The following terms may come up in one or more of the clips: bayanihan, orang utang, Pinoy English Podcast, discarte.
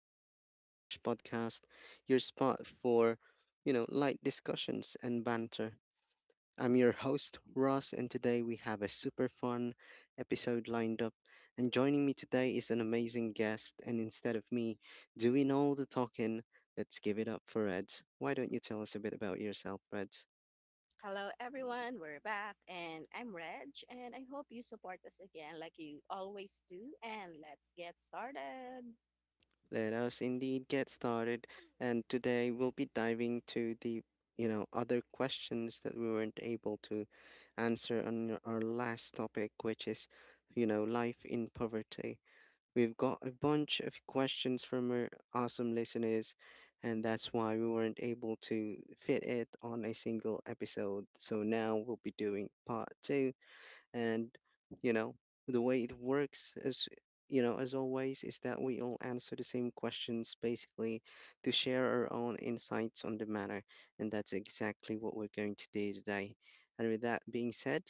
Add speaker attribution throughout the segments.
Speaker 1: the Pinoy English Podcast, your spot for light discussions and banter. I'm your host, Ross, and today we have a super fun episode lined up. And joining me today is an amazing guest. And instead of me doing all the talking, let's give it up for Reds. Why don't you tell us a bit about yourself, Reds?
Speaker 2: Hello, everyone. We're back, and I'm Reg, and I hope you support us again like you always do. And let's get started.
Speaker 1: Let us indeed get started. And today we'll be diving to the other questions that we weren't able to answer on our last topic, which is life in poverty. We've got a bunch of questions from our awesome listeners, and that's why we weren't able to fit it on a single episode. So now we'll be doing part two, and you know, the way it works is, as always, is that we all answer the same questions basically to share our own insights on the matter. And that's exactly what we're going to do today. And with that being said,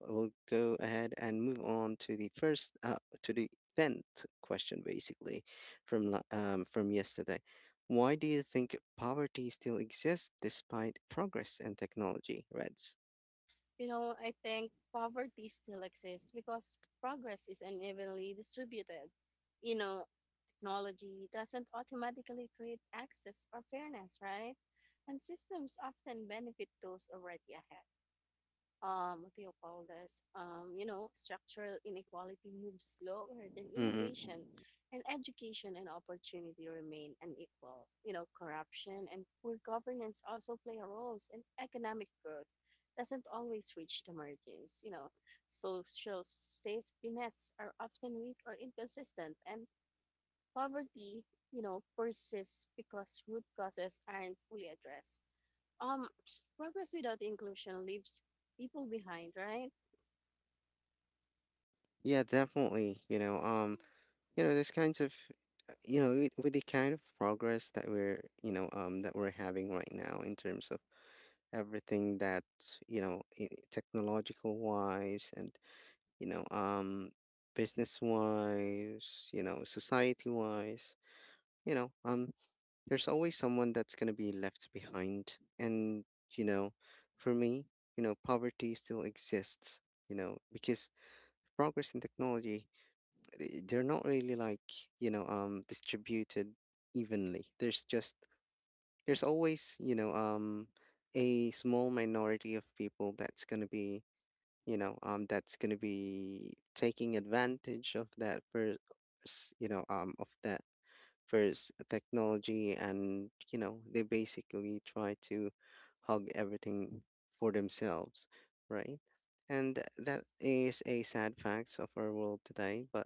Speaker 1: we'll go ahead and move on to the 10th question basically from yesterday. Why do you think poverty still exists despite progress and technology, Reds?
Speaker 2: You know, I think poverty still exists because progress is unevenly distributed. You know, technology doesn't automatically create access or fairness, right? And systems often benefit those already ahead. What do you call this? You know, structural inequality moves slower than
Speaker 1: Mm-hmm.
Speaker 2: innovation, and education and opportunity remain unequal. You know, corruption and poor governance also play a role, and economic growth doesn't always reach the margins. You know, social safety nets are often weak or inconsistent, and poverty, you know, persists because root causes aren't fully addressed. um Progress without inclusion leaves people behind, right?
Speaker 1: Yeah, definitely. There's kinds of, with the kind of progress that we're having right now in terms of everything that, technological wise, and, you know, um, business wise, society wise, you know, um, there's always someone that's gonna be left behind. And, you know, for me, poverty still exists because progress in technology, they're not really like, distributed evenly. There's just there's always, a small minority of people that's going to be taking advantage of that you know um of that first technology, and they basically try to hog everything for themselves, right. And that is a sad fact of our world today, but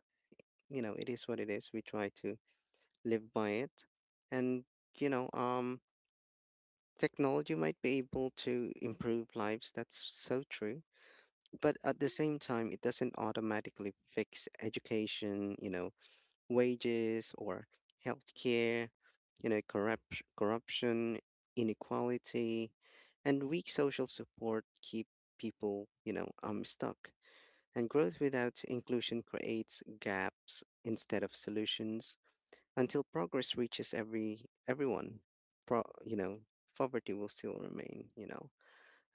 Speaker 1: you know, it is what it is. We try to live by it. And, you know, um, Technology might be able to improve lives. That's so true. But at the same time, it doesn't automatically fix education, wages or healthcare, corruption, inequality, and weak social support keep people stuck. And growth without inclusion creates gaps instead of solutions until progress reaches everyone, pro, you know, poverty will still remain.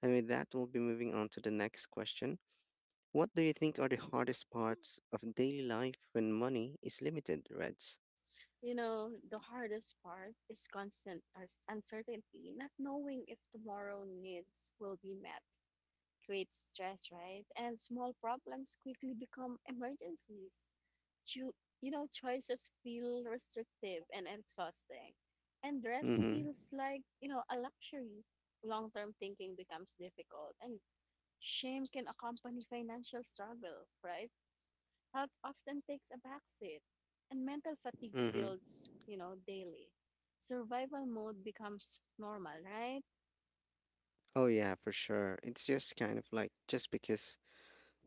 Speaker 1: And with that, we'll be moving on to the next question. What do you think are the hardest parts of daily life when money is limited, Reds?
Speaker 2: You know, the hardest part is constant uncertainty. Not knowing if tomorrow needs will be met creates stress, right? And small problems quickly become emergencies. Cho- you know, choices feel restrictive and exhausting, and rest
Speaker 1: Mm-hmm.
Speaker 2: feels like, you know, a luxury. Long-term thinking becomes difficult, and shame can accompany financial struggle, right? Health often takes a backseat, and mental fatigue
Speaker 1: Mm-hmm.
Speaker 2: builds, you know, daily. Survival mode becomes normal, right?
Speaker 1: Oh yeah, for sure. It's just kind of like, just because,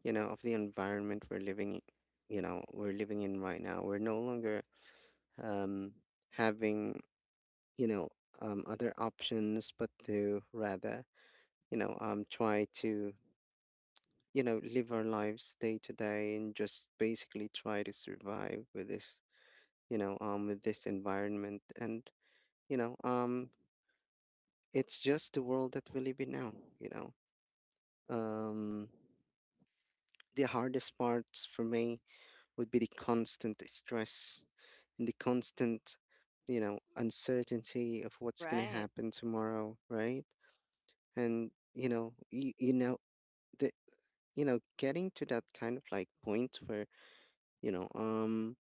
Speaker 1: you know, of the environment we're living in right now. We're no longer um having, you know, other options but to rather try to live our lives day to day and just basically try to survive with this environment. And you know um it's just the world that we live in now you know um the hardest parts for me would be the constant stress and the constant uncertainty of what's going to
Speaker 2: Right.
Speaker 1: happen tomorrow, right? And you know you, you know the you know getting to that kind of like point you know, um,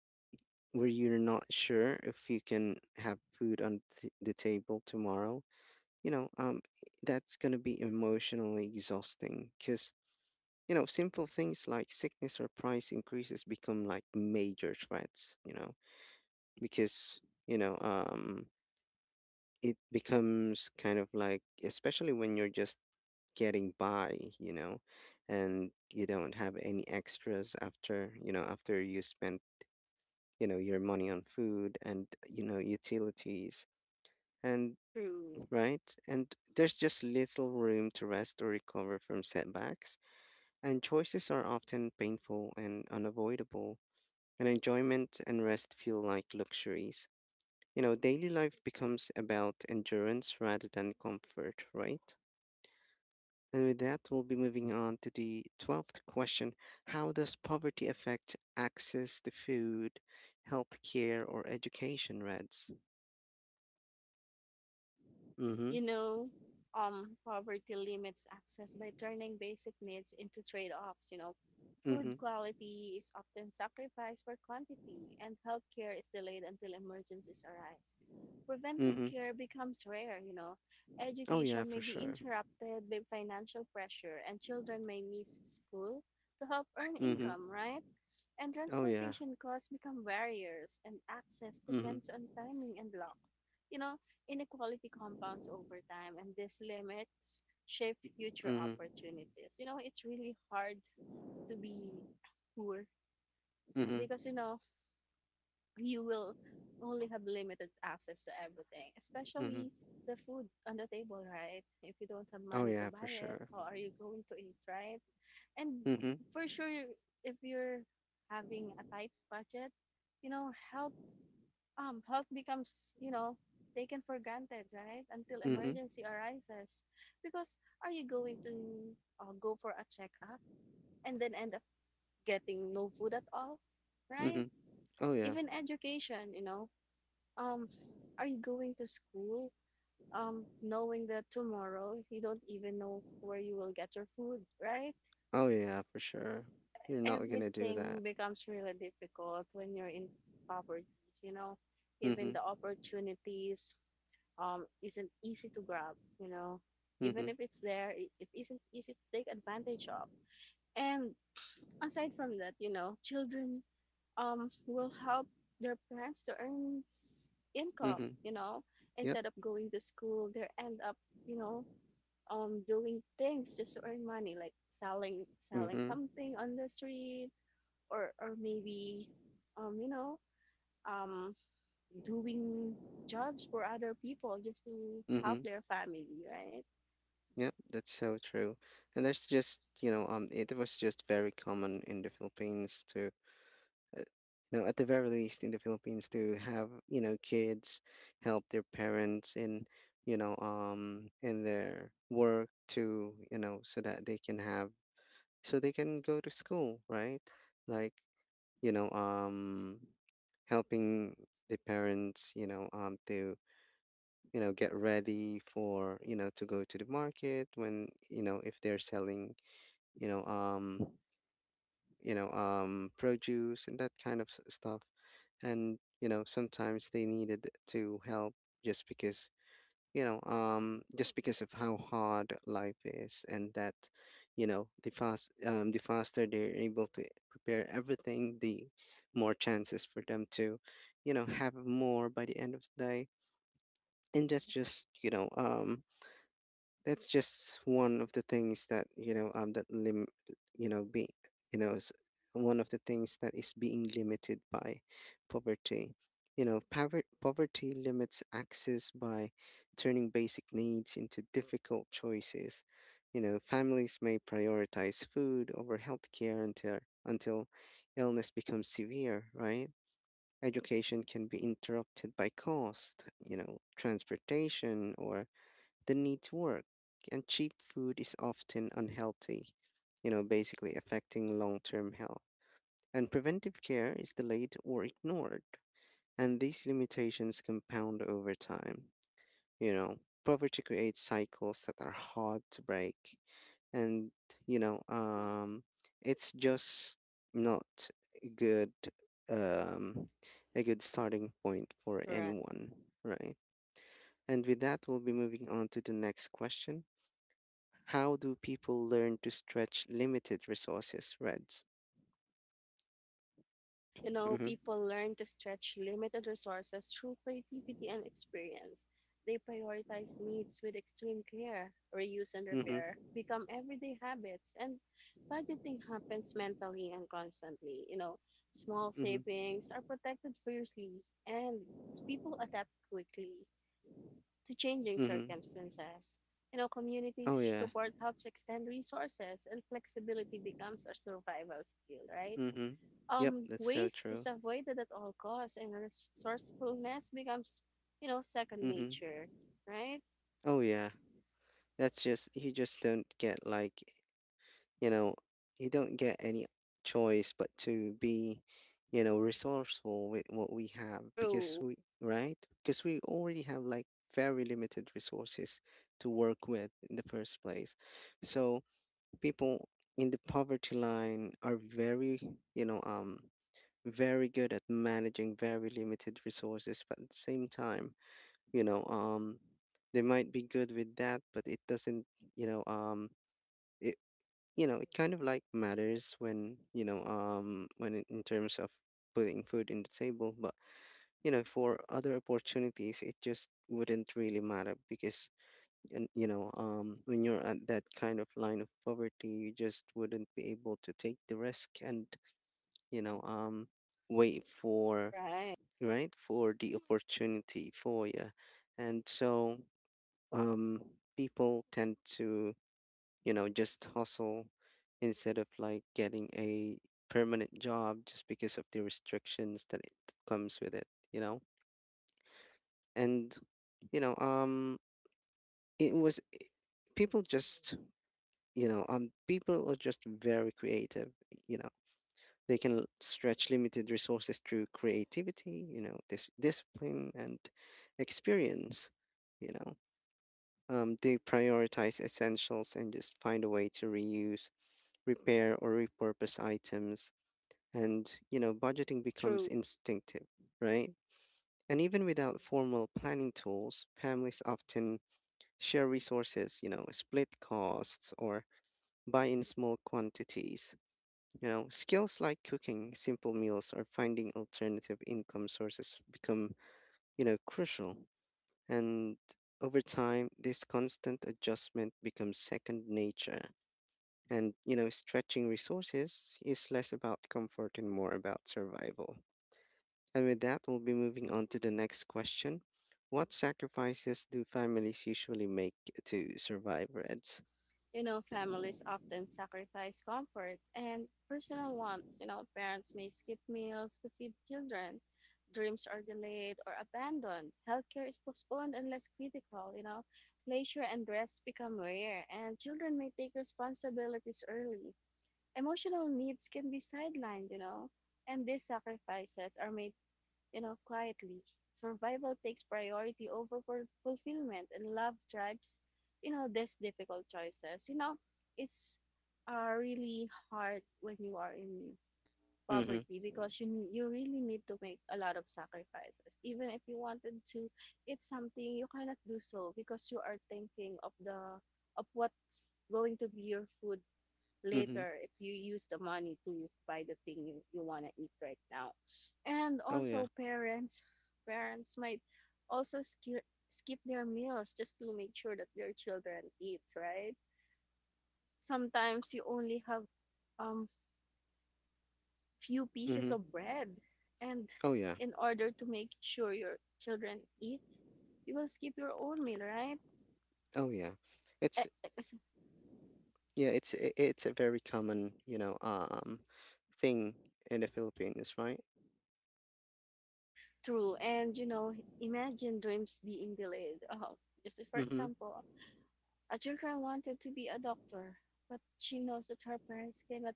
Speaker 1: where you're not sure if you can have food on the table tomorrow. you know, um, that's going to be emotionally exhausting, because simple things like sickness or price increases become like major threats, because, you know, um, it becomes kind of like, especially when you're just getting by, and you don't have any extras after you spend your money on food and utilities, and
Speaker 2: True.
Speaker 1: right. And there's just little room to rest or recover from setbacks, and choices are often painful and unavoidable, and enjoyment and rest feel like luxuries. Daily life becomes about endurance rather than comfort, right? And with that, we'll be moving on to the 12th question. How does poverty affect access to food, healthcare, or education, Reds? Mm-hmm.
Speaker 2: You know, Poverty limits access by turning basic needs into trade offs. You know, food
Speaker 1: Mhm.
Speaker 2: quality is often sacrificed for quantity, and healthcare is delayed until emergencies arise. Preventive
Speaker 1: Mhm.
Speaker 2: care becomes rare, you know.
Speaker 1: Oh yeah,
Speaker 2: Education
Speaker 1: for
Speaker 2: may be
Speaker 1: sure.
Speaker 2: interrupted by financial pressure, and children may miss school to help earn
Speaker 1: Mhm.
Speaker 2: income, right? And
Speaker 1: Oh yeah.
Speaker 2: transportation costs become barriers, and access
Speaker 1: Mhm.
Speaker 2: depends on timing and luck. You know, inequality compounds over time, and these limits shape future
Speaker 1: Mhm.
Speaker 2: opportunities. You know, it's really hard to be poor
Speaker 1: Mhm.
Speaker 2: because, you know, you will only have limited access to everything,
Speaker 1: Mhm.
Speaker 2: especially the food on the table, right? If you don't have
Speaker 1: Oh
Speaker 2: money to
Speaker 1: yeah,
Speaker 2: buy
Speaker 1: for
Speaker 2: it,
Speaker 1: sure.
Speaker 2: how are you going to eat, right? And
Speaker 1: Mhm.
Speaker 2: for sure, if you're having a tight budget, you know, help becomes, you know, taken for granted, right, until
Speaker 1: Mhm.
Speaker 2: emergency arises. Because are you going to go for a checkup and then end up getting no food at all, right?
Speaker 1: Mhm. Oh yeah.
Speaker 2: Even education, you know, um are you going to school knowing that tomorrow you don't even know where you will get your food, right?
Speaker 1: Oh yeah, for sure. You're not gonna do
Speaker 2: Everything
Speaker 1: that.
Speaker 2: becomes really difficult when you're in poverty, you know. Even
Speaker 1: Mhm.
Speaker 2: the opportunities isn't easy to grab, you know. Even
Speaker 1: Mhm.
Speaker 2: if it's there, it isn't easy to take advantage of. And aside from that, you know, children will help their parents to earn income,
Speaker 1: Mhm.
Speaker 2: you know.
Speaker 1: Yep.
Speaker 2: Instead of going to school, they end up, you know, doing things just to earn money, like selling
Speaker 1: Mhm.
Speaker 2: something on the street. Or maybe, um you know um doing jobs for other people just to help
Speaker 1: Mhm.
Speaker 2: their family, right?
Speaker 1: Yep. That's so true. And that's just you know It was just very common in the Philippines uh, at the very least in the Philippines to have kids help their parents in their work, so that they can so they can go to school, right? Like, you know, um, helping the parents, get ready for, to go to the market when, if they're selling, you know, um, produce and that kind of stuff. And, sometimes they needed to help just because, just because of how hard life is, and that, you know, the faster they're able to prepare everything, the more chances for them to, have more by the end of the day. And that's just one of the things that you know that lim you know be you know s- one of the things that is being limited by poverty. You know, poverty limits access by turning basic needs into difficult choices. Families may prioritize food over healthcare until until illness becomes severe, right? Education can be interrupted by cost, transportation, or the need to work. And cheap food is often unhealthy, basically affecting long term health. And preventive care is delayed or ignored. And these limitations compound over time. You know, poverty creates cycles that are hard to break. And, you know, um, it's just not a good um, a good starting point for
Speaker 2: Correct.
Speaker 1: anyone, right? And with that, we'll be moving on to the next question. How do people learn to stretch limited resources, Reds?
Speaker 2: You know,
Speaker 1: Mm-hmm.
Speaker 2: people learn to stretch limited resources through creativity and experience. They prioritize needs with extreme care. Reuse and repair
Speaker 1: Mm-hmm.
Speaker 2: become everyday habits, and budgeting happens mentally and constantly, you know. Small
Speaker 1: Mm-hmm.
Speaker 2: savings are protected fiercely, and people adapt quickly to changing
Speaker 1: Mm-hmm.
Speaker 2: circumstances. You know, community
Speaker 1: Oh yeah.
Speaker 2: support helps extend resources, and flexibility becomes a survival skill, right?
Speaker 1: Mm-hmm. Yep, that's so
Speaker 2: Waste is
Speaker 1: true.
Speaker 2: avoided at all costs, and resourcefulness becomes, you know, second
Speaker 1: Mm-hmm.
Speaker 2: nature, right?
Speaker 1: Oh yeah. That's just, you just don't get like, you know, you don't get any choice but to be, resourceful with what we have, because
Speaker 2: True,
Speaker 1: we, right? Because we already have like very limited resources to work with in the first place. So people in the poverty line are very, you know, um, very good at managing very limited resources, but at the same time, you know, um, they might be good with that, but it doesn't, you know, um, it, it kind of like matters when, in terms of putting food in the table. But for other opportunities, it just wouldn't really matter. Because, and when you're at that kind of line of poverty, you just wouldn't be able to take the risk and, you know um wait for,
Speaker 2: right?
Speaker 1: right, for the opportunity for you. And so, um people tend to, just hustle instead of like getting a permanent job, just because of the restrictions that it comes with it, you know. And, you know it was people just, people are just very creative. You know, stretch limited resources through creativity, this discipline and experience. you know they prioritize essentials and just find a way to reuse, repair, or repurpose items. And budgeting becomes
Speaker 2: True.
Speaker 1: instinctive, right? And even without formal planning tools, families often share resources, split costs, or buy in small quantities. You know, skills like cooking simple meals or finding alternative income sources become, crucial. And over time, this constant adjustment becomes second nature. And, stretching resources is less about comfort and more about survival. And with that, we'll be moving on to the next question. What sacrifices do families usually make to survive, Reds?
Speaker 2: You know, families often sacrifice comfort and personal wants. You know, parents may skip meals to feed children. Dreams are delayed or abandoned. Healthcare is postponed and less critical. You know, leisure and rest become rare, and children may take responsibilities early. Emotional needs can be sidelined, you know, and these sacrifices are made, you know, quietly. Survival takes priority over fulfillment, and love drives, you know, these difficult choices. You know, it's really hard when you are in
Speaker 1: Mm-hmm.
Speaker 2: poverty because you you really need to make a lot of sacrifices. Even if you wanted to eat something, you cannot do so because you are thinking of the of what's going to be your food
Speaker 1: Mm-hmm.
Speaker 2: later if you use the money to buy the thing you want to eat right now. And
Speaker 1: Oh yeah.
Speaker 2: also parents might also skip their meals just to make sure that their children eat, right? Sometimes you only have um few pieces
Speaker 1: Mm-hmm.
Speaker 2: of bread, and
Speaker 1: Oh yeah.
Speaker 2: in order to make sure your children eat, you will skip your own meal, right?
Speaker 1: Oh yeah. It's,
Speaker 2: It's
Speaker 1: yeah, it's a very common, thing in the Philippines, right?
Speaker 2: true. And you know, imagine dreams being delayed, just for
Speaker 1: Mm-hmm.
Speaker 2: example, her children wanted to be a doctor, but she knows that her parents cannot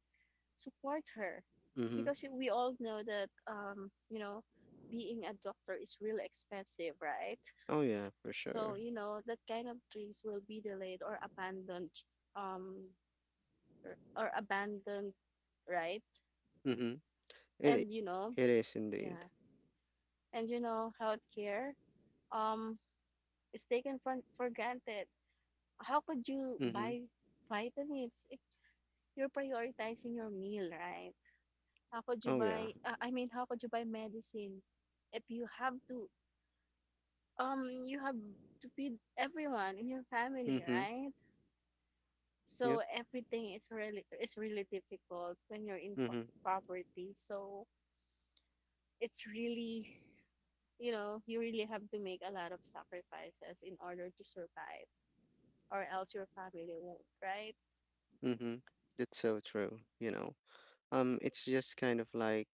Speaker 2: support her,
Speaker 1: Mm-hmm.
Speaker 2: because we all know that, you know, being a doctor is really expensive, right?
Speaker 1: Oh yeah, for
Speaker 2: So
Speaker 1: sure.
Speaker 2: you know that kind of dreams will be delayed um, or abandoned, right?
Speaker 1: Mm-hmm.
Speaker 2: And you know,
Speaker 1: It is indeed.
Speaker 2: yeah, and you know, healthcare um is taken for granted. How could you
Speaker 1: Mm-hmm.
Speaker 2: buy vitamins if you're prioritizing your meal, right? How could you
Speaker 1: Oh yeah.
Speaker 2: buy how could you buy medicine if you have to um you have feed everyone in your family,
Speaker 1: Mm-hmm.
Speaker 2: right?
Speaker 1: Yep.
Speaker 2: So everything is really difficult when you're in
Speaker 1: Mm-hmm.
Speaker 2: poverty. So it's really, you know, you really have to make a lot of sacrifices in order to survive, or else your family won't, right?
Speaker 1: Mm-hmm. That's so true. You know, it's just kind of like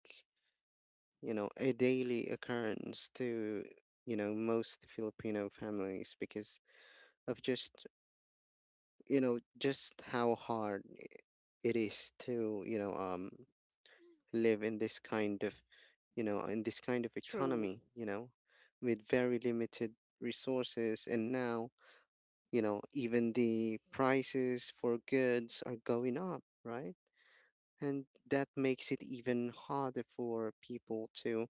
Speaker 1: a daily occurrence to most Filipino families because of just just how hard it is to live in this kind of, in this kind of
Speaker 2: True.
Speaker 1: economy, with very limited resources. And now, even the prices for goods are going up, right? And that makes it even harder for people to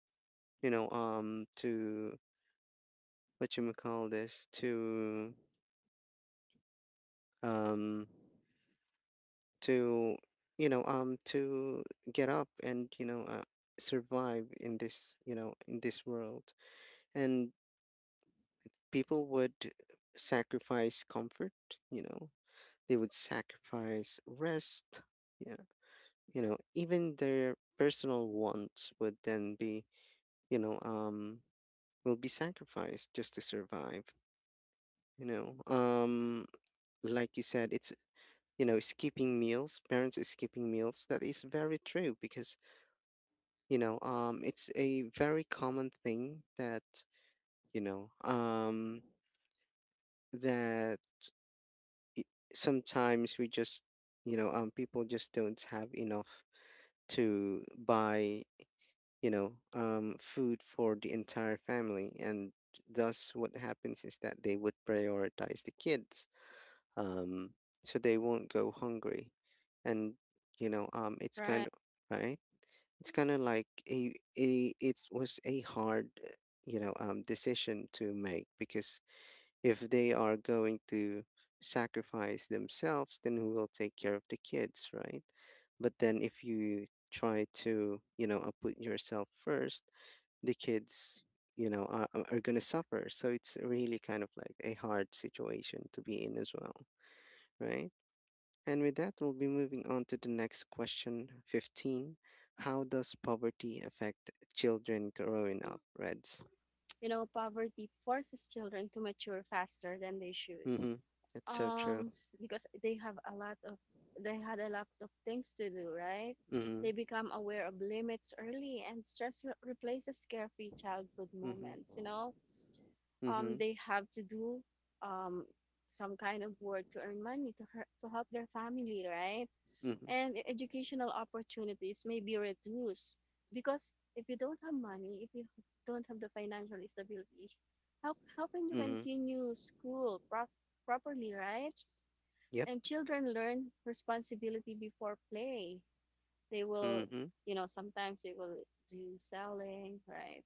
Speaker 1: to what you may call this, um to to get up and survive in this, in this world. And people would sacrifice comfort, you know, they would sacrifice rest, yeah, you know, even their personal wants would then be, you know, um, will be sacrificed just to survive, you know. Like you said, it's, skipping meals, parents is skipping meals. That is very true because, it's a very common thing that, you know, um, that sometimes we just people just don't have enough to buy, food for the entire family. And thus what happens is that they would prioritize the kids, um, so they won't go hungry. And it's kind
Speaker 2: Right.
Speaker 1: of right, it's kind of like a it was a hard, uh, decision to make, because if they are going to sacrifice themselves, then who will take care of the kids, right? But then if you try to, put yourself first, the kids, you know, are gonna suffer. So it's really kind of like a hard situation to be in as well, right? And with that, we'll be moving on to the next question, 15. How does poverty affect children growing up, Reds?
Speaker 2: You know, poverty forces children to mature faster than they should,
Speaker 1: Mm-hmm. That's so true.
Speaker 2: um because they have a lot of, they had a lot of things to do, right?
Speaker 1: Mm-hmm.
Speaker 2: They become aware of limits early, and stress replaces carefree childhood moments,
Speaker 1: Mm-hmm.
Speaker 2: you know.
Speaker 1: Mm-hmm.
Speaker 2: They have to do um some kind of work to earn money to to help their family, right?
Speaker 1: Mm-hmm.
Speaker 2: And educational opportunities may be reduced, because if you don't have money, if you don't have the financial stability, how can you
Speaker 1: Mm-hmm.
Speaker 2: continue school properly, right?
Speaker 1: Yep.
Speaker 2: And children learn responsibility before play. They will,
Speaker 1: Mm-hmm.
Speaker 2: you know, sometimes they will do selling, right?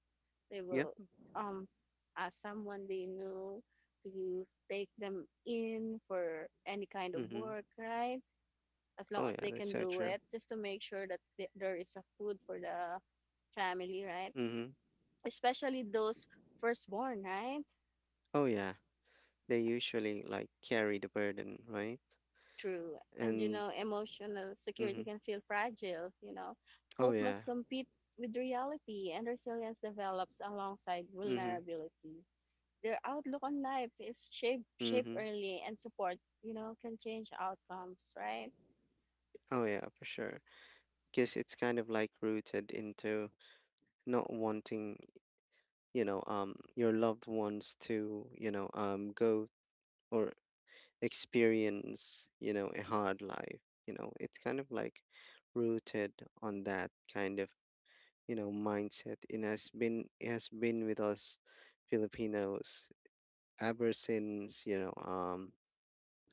Speaker 2: They
Speaker 1: Yep.
Speaker 2: will um ask someone they know to take them in for any kind of
Speaker 1: Mm-hmm.
Speaker 2: work, right? As long
Speaker 1: Oh
Speaker 2: as
Speaker 1: yeah,
Speaker 2: they
Speaker 1: that's
Speaker 2: can
Speaker 1: so
Speaker 2: do
Speaker 1: true.
Speaker 2: it, just to make sure that there is a food for the family, right?
Speaker 1: Mm-hmm.
Speaker 2: Especially those firstborn, right?
Speaker 1: Oh yeah, they usually like carry the burden, right?
Speaker 2: True. And you
Speaker 1: And
Speaker 2: know, emotional security
Speaker 1: mm-hmm.
Speaker 2: can feel fragile, you know.
Speaker 1: Oh
Speaker 2: Hope
Speaker 1: yeah.
Speaker 2: must compete with reality, and resilience develops alongside
Speaker 1: Mm-hmm.
Speaker 2: vulnerability. Their outlook on life is shaped
Speaker 1: Mm-hmm.
Speaker 2: early, and support, you know, can change outcomes, right?
Speaker 1: Oh yeah, for sure. Because it's kind of like rooted into not wanting, your loved ones to, go or experience, you know, a hard life. You know, it's kind of like rooted on that kind of, mindset. It has been, it has been with us Filipinos ever since,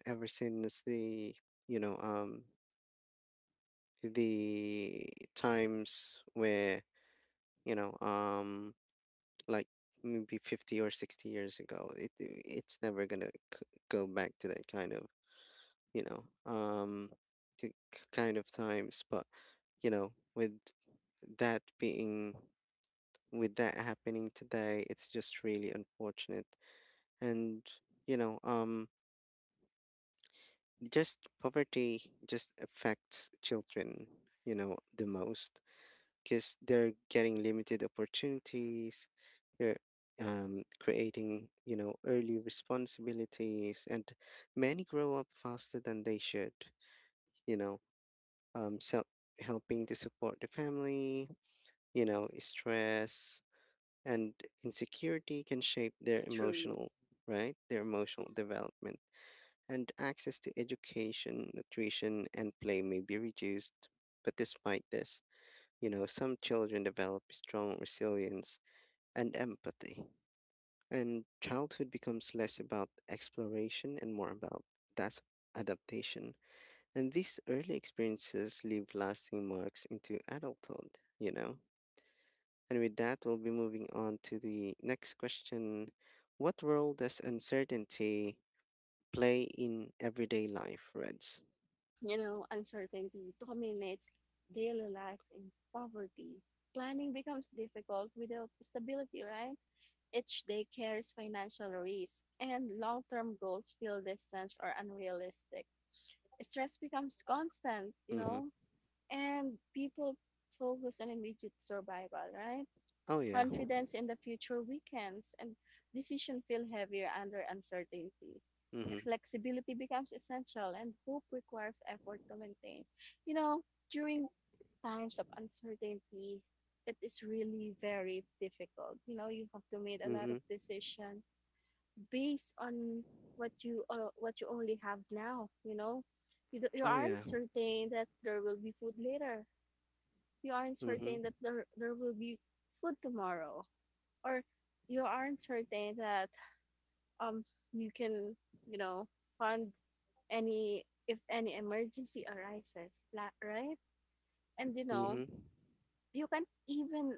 Speaker 1: ever since the, you know um the times where, you know um like maybe 50 or 60 years ago. It's never gonna go back to that kind of, you know um to kind of times. But, you know, that being with that happening today, it's just really unfortunate. And, you know, um, just poverty just affects children, you know, the most, because they're getting limited opportunities. They're, creating, you know, early responsibilities, and many grow up faster than they should. You know, self helping to support the family. You know, stress and insecurity can shape their
Speaker 2: True.
Speaker 1: emotional right, their emotional development, and access to education, nutrition and play may be reduced. But despite this, you know, some children develop strong resilience and empathy, and childhood becomes less about exploration and more about that's adaptation. And these early experiences leave lasting marks into adulthood, you know. And with that, we'll be moving on to the next question. What role does uncertainty play in everyday life, Reds?
Speaker 2: You know, uncertainty dominates daily life in poverty. Planning becomes difficult without stability, right? Each day carries financial risk, and long term goals feel distant or unrealistic. Stress becomes constant, you
Speaker 1: Mm-hmm.
Speaker 2: know, and people focus on immediate survival, right?
Speaker 1: Oh yeah.
Speaker 2: Confidence in the future weakens, and decisions feel heavier under uncertainty.
Speaker 1: Mm-hmm.
Speaker 2: Flexibility becomes essential, and hope requires effort to maintain. You know, during times of uncertainty, it is really very difficult. You know, you have to make a lot
Speaker 1: Mm-hmm.
Speaker 2: of decisions based on what you only have now, you know. You
Speaker 1: Oh
Speaker 2: aren't
Speaker 1: yeah.
Speaker 2: certain that there will be food later, you aren't certain
Speaker 1: Mm-hmm.
Speaker 2: that there will be food tomorrow, or you aren't certain that um you can, you know, fund any if any emergency arises, right? And you know,
Speaker 1: Mm-hmm.
Speaker 2: you can't even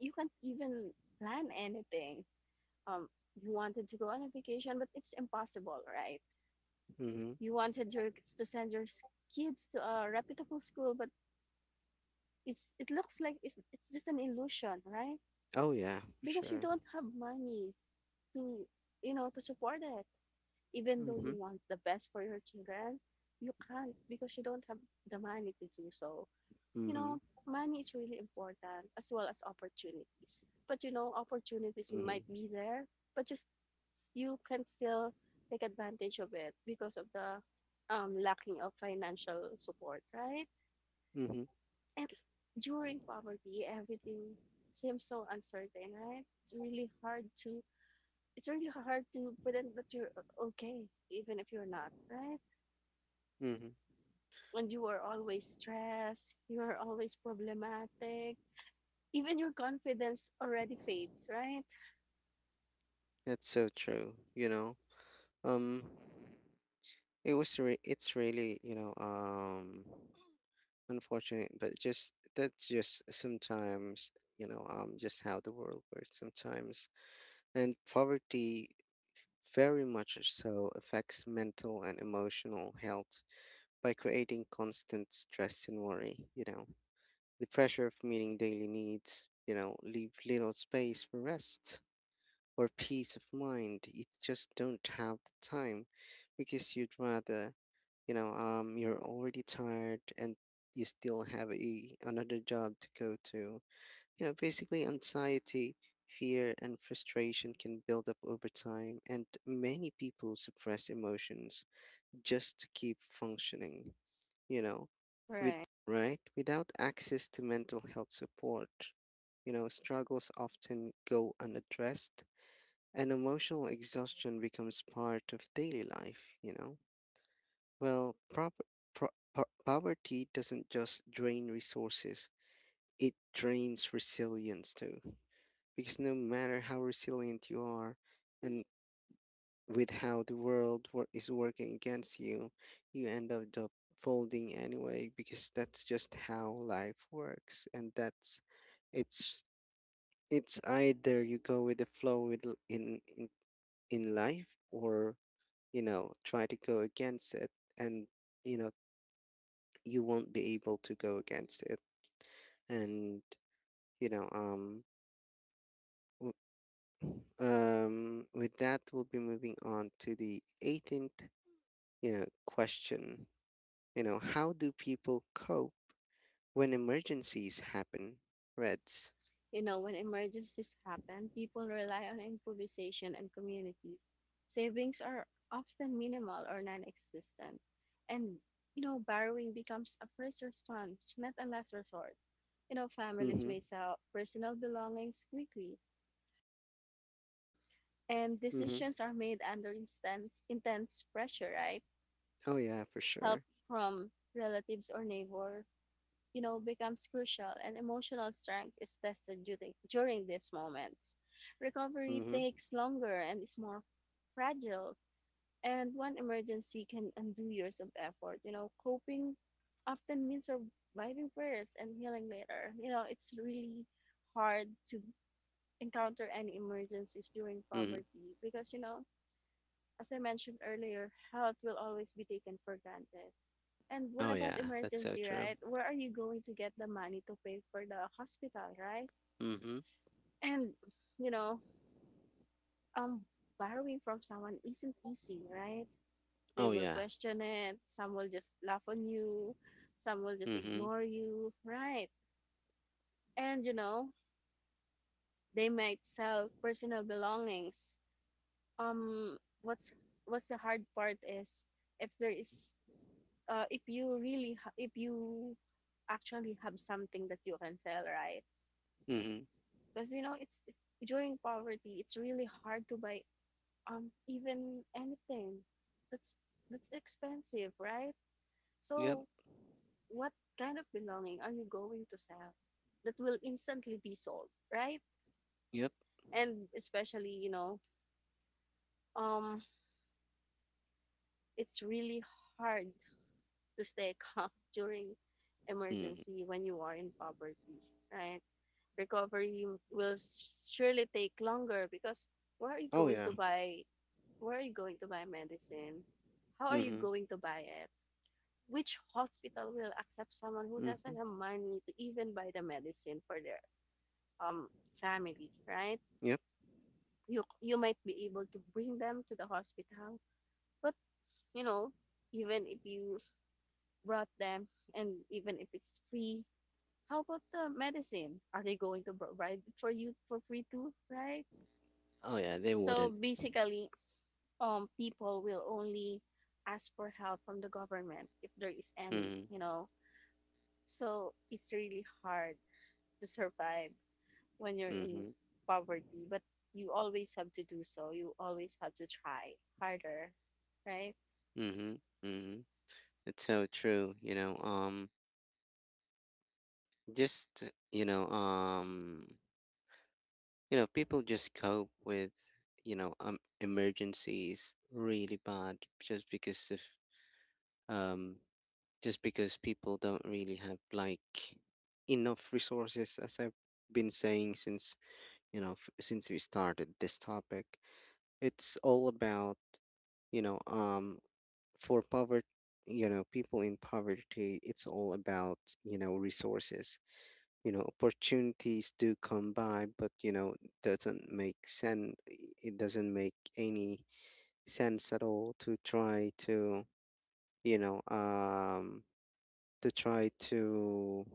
Speaker 2: you can't even plan anything. um you wanted to go on a vacation, but it's impossible, right?
Speaker 1: Mhm.
Speaker 2: You wanted your to send your kids to a reputable school, but it looks like it's just an illusion, right?
Speaker 1: Oh yeah, for
Speaker 2: Because you
Speaker 1: sure.
Speaker 2: don't have money to, you know, to support it. Even though you
Speaker 1: Mhm.
Speaker 2: want the best for your children, you can't because you don't have the money to do so. You
Speaker 1: Mhm.
Speaker 2: know, money is really important, as well as opportunities. But you know, opportunities
Speaker 1: Mhm.
Speaker 2: might be there, but just you can still take advantage of it because of the lacking of financial support, right?
Speaker 1: Mhm.
Speaker 2: And during poverty, everything seems so uncertain, right? It's really hard to, it's really hard to pretend that you're okay, even if you're not, right?
Speaker 1: Mhm.
Speaker 2: And you are always stressed, you are always problematic, even your confidence already fades, right?
Speaker 1: That's so true. Um, it was it's really unfortunate, but just that's just sometimes, just how the world works sometimes. And poverty very much so affects mental and emotional health by creating constant stress and worry, you know. The pressure of meeting daily needs, you know, leave little space for rest or peace of mind. You just don't have the time because you'd rather, you're already tired and you still have a another job to go to. You know, basically anxiety, fear, and frustration can build up over time, and many people suppress emotions just to keep functioning, you know, with
Speaker 2: Right.
Speaker 1: right? Without access to mental health support, you know, struggles often go unaddressed and emotional exhaustion becomes part of daily life, you know. Well, pro- poverty doesn't just drain resources, it drains resilience too. Because no matter how resilient you are, and with how the world is working against you, you end up folding anyway, because that's just how life works. And that's, it's it's either you go with the flow with in, in life, or try to go against it. And you know you won't be able to go against it. And you know um. With that, we'll be moving on to the 18th, you know, question. You know, how do people cope when emergencies happen? Reds.
Speaker 2: You know, when emergencies happen, people rely on improvisation and community. Savings are often minimal or non existent. And, you know, borrowing becomes a first response, not a last resort. You know, families may
Speaker 1: Mm-hmm.
Speaker 2: sell personal belongings quickly, and
Speaker 1: Mm-hmm.
Speaker 2: decisions are made under intense pressure, right?
Speaker 1: Oh yeah, for
Speaker 2: Help
Speaker 1: sure.
Speaker 2: from relatives or neighbor, you know, becomes crucial, and emotional strength is tested during these moments. Recovery
Speaker 1: Mm-hmm.
Speaker 2: takes longer and is more fragile, and one emergency can undo years of effort. You know, coping often means surviving first and healing later. You know, it's really hard to encounter any emergencies during
Speaker 1: Mm-hmm.
Speaker 2: poverty because, you know, as I mentioned earlier, health will always be taken for granted. And what
Speaker 1: Oh
Speaker 2: about
Speaker 1: yeah, that's so
Speaker 2: emergency,
Speaker 1: true.
Speaker 2: right? Where are you going to get the money to pay for the hospital, right?
Speaker 1: Mm-hmm.
Speaker 2: And you know, um borrowing from someone isn't easy, right? They
Speaker 1: Oh
Speaker 2: will
Speaker 1: yeah.
Speaker 2: question it, some will just laugh on you, some will just
Speaker 1: Mm-hmm.
Speaker 2: ignore you, right? And you know, they might sell personal belongings. Um what's what's the hard part is if there is if you actually have something that you can sell, right?
Speaker 1: Mm-hmm.
Speaker 2: Because you know it's during poverty it's really hard to buy even anything that's that's expensive, right?
Speaker 1: Yep.
Speaker 2: So what kind of belonging are you going to sell that will instantly be sold, right?
Speaker 1: Yep.
Speaker 2: And especially you know, um it's really hard to stay calm during
Speaker 1: Mm-hmm.
Speaker 2: emergency when you are in poverty, right? Recovery will surely take longer because where are you
Speaker 1: Oh
Speaker 2: going
Speaker 1: yeah.
Speaker 2: to buy Where are you going to buy medicine? How are you
Speaker 1: Mm-hmm.
Speaker 2: going to buy it? Which hospital will accept someone who doesn't
Speaker 1: Mm-hmm.
Speaker 2: have money to even buy the medicine for their family, right?
Speaker 1: Yep.
Speaker 2: You might be able to bring them to the hospital, but you know, even if you brought them and even if it's free, how about the medicine? Are they going to provide it for you for free too, right?
Speaker 1: Oh yeah, they
Speaker 2: So
Speaker 1: wouldn't.
Speaker 2: basically, people will only ask for help from the government if there is any
Speaker 1: Mm-hmm.
Speaker 2: you know So it's really hard to survive when you're in
Speaker 1: Mm-hmm.
Speaker 2: poverty, but you always have to do so, you always have to try harder, right?
Speaker 1: Mm-hmm. Mm-hmm. It's so true, you know. Just, you know, um you know people just cope with, emergencies really bad just because of um, just because people don't really have like enough resources, as I've been saying since, since we started this topic. It's all about, you know um for poverty, you know, people in poverty, it's all about, resources. You know, opportunities do come by, but you know, doesn't make sense, it doesn't make any sense at all to try to, you know um to try to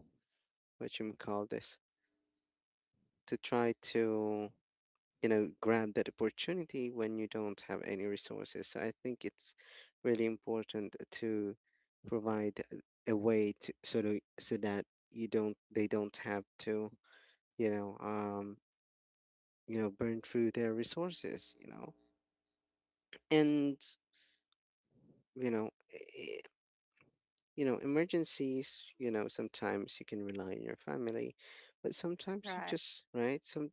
Speaker 1: what you call this, to try to, grab that opportunity when you don't have any resources. So I think it's really important to provide a way to, so that you don't they don't have to, you know um you know burn through their resources, you know. And you know e- you know, emergencies, you know, sometimes you can rely on your family, but sometimes you
Speaker 2: Right.
Speaker 1: just right,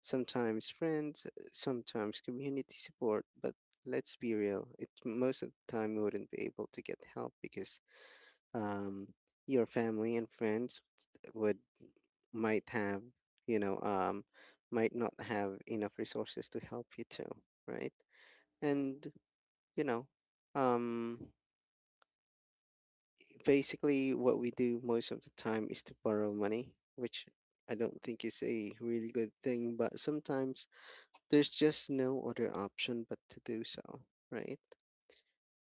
Speaker 1: sometimes friends, sometimes community support. But let's be real, it most of the time you wouldn't be able to get help, because um, your family and friends would might have, you know um might not have enough resources to help you too, right? And, you know, um, basically what we do most of the time is to borrow money, which I don't think is a really good thing, but sometimes there's just no other option but to do so, right?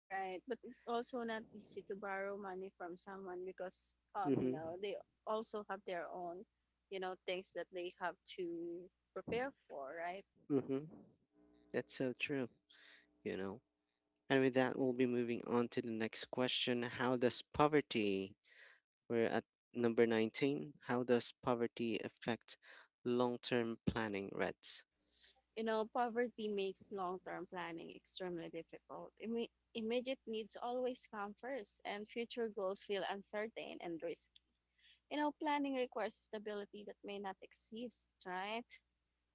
Speaker 2: Right, but it's also not easy to borrow money from someone because you
Speaker 1: Mm-hmm.
Speaker 2: know they also have their own, you know, things that they have to prepare for, right?
Speaker 1: Mm-hmm. That's so true, you know. And with that, we'll be moving on to the next question. How does poverty, we're at number 19, how does poverty affect long-term planning, Reds?
Speaker 2: You know, poverty makes long term planning extremely difficult. Immediate needs always come first, and future goals feel uncertain and risky. You know, planning requires stability that may not exist, right?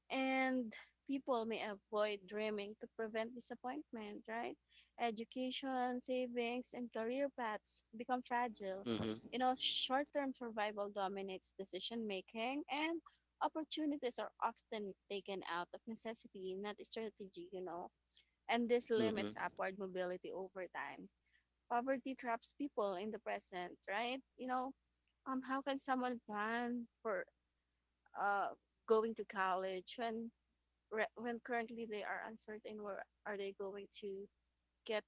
Speaker 2: And people may avoid dreaming to prevent disappointment, right? Education, savings, and career paths become fragile.
Speaker 1: Mm-hmm.
Speaker 2: You know, short term survival dominates decision making, and opportunities are often taken out of necessity, not strategy, you know, and this
Speaker 1: Mm-hmm.
Speaker 2: limits upward mobility over time. Poverty traps people in the present, right? You know, how can someone plan for uh, going to college when when currently they are uncertain where are they going to get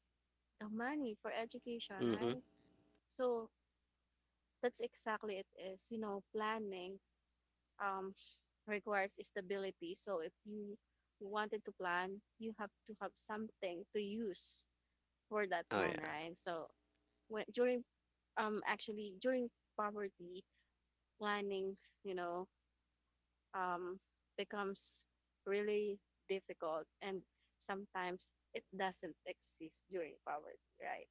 Speaker 2: the money for education,
Speaker 1: Mm-hmm.
Speaker 2: right? So that's exactly it is, you know, planning um requires stability. So if you wanted to plan, you have to have something to use for that
Speaker 1: Oh
Speaker 2: plan,
Speaker 1: yeah.
Speaker 2: right? So when during actually during poverty, planning, you know, um, becomes really difficult, and sometimes it doesn't exist during poverty, right?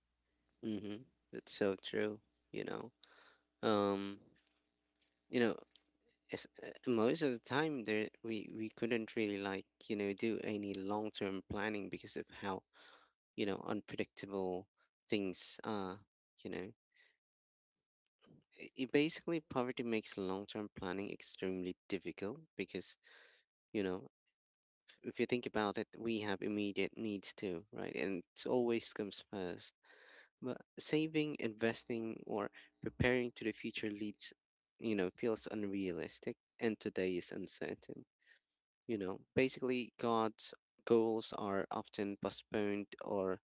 Speaker 1: Mm-hmm. That's so true. You know, um, you know, it's, most of the time there we couldn't really like, do any long term planning because of how, unpredictable things are. You know, basically poverty makes long term planning extremely difficult, because, you know, if you think about it, we have immediate needs too, right? And it always comes first. But saving, investing, or preparing to the future leads, you know, feels unrealistic, and today is uncertain. You know, basically, God's goals are often postponed or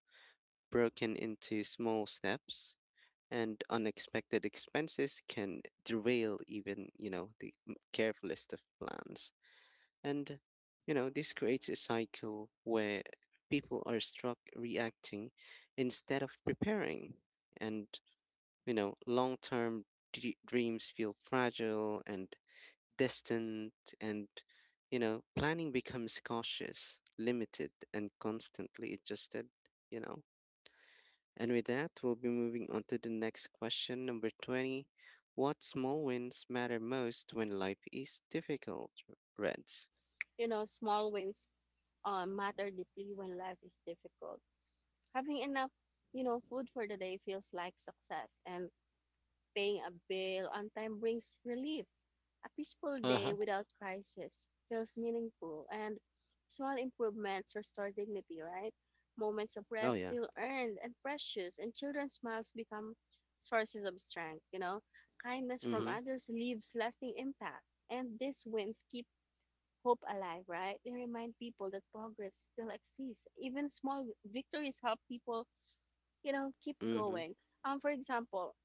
Speaker 1: broken into small steps, and unexpected expenses can derail even, you know, the carefulest of plans. And, you know, this creates a cycle where people are struck reacting instead of preparing. And you know, long term dreams feel fragile and distant. And, you know, planning becomes cautious, limited, and constantly adjusted, you know. And with that, we'll be moving on to the next question, number 20. What small wins matter most when life is difficult, Reds?
Speaker 2: You know, small wins matter deeply when life is difficult. Having enough, you know, food for the day feels like success, and paying a bill on time brings relief. A peaceful
Speaker 1: Uh
Speaker 2: day
Speaker 1: huh.
Speaker 2: without crisis feels meaningful, and small improvements restore dignity, right? Moments of
Speaker 1: Oh,
Speaker 2: rest
Speaker 1: yeah.
Speaker 2: feel earned and precious, and children's smiles become sources of strength. You know, kindness
Speaker 1: Mm
Speaker 2: from
Speaker 1: hmm.
Speaker 2: others leaves lasting impact, and these wins keep hope alive, right? They remind people that progress still exists. Even small victories help people, you know, keep
Speaker 1: Mm hmm.
Speaker 2: going. For example,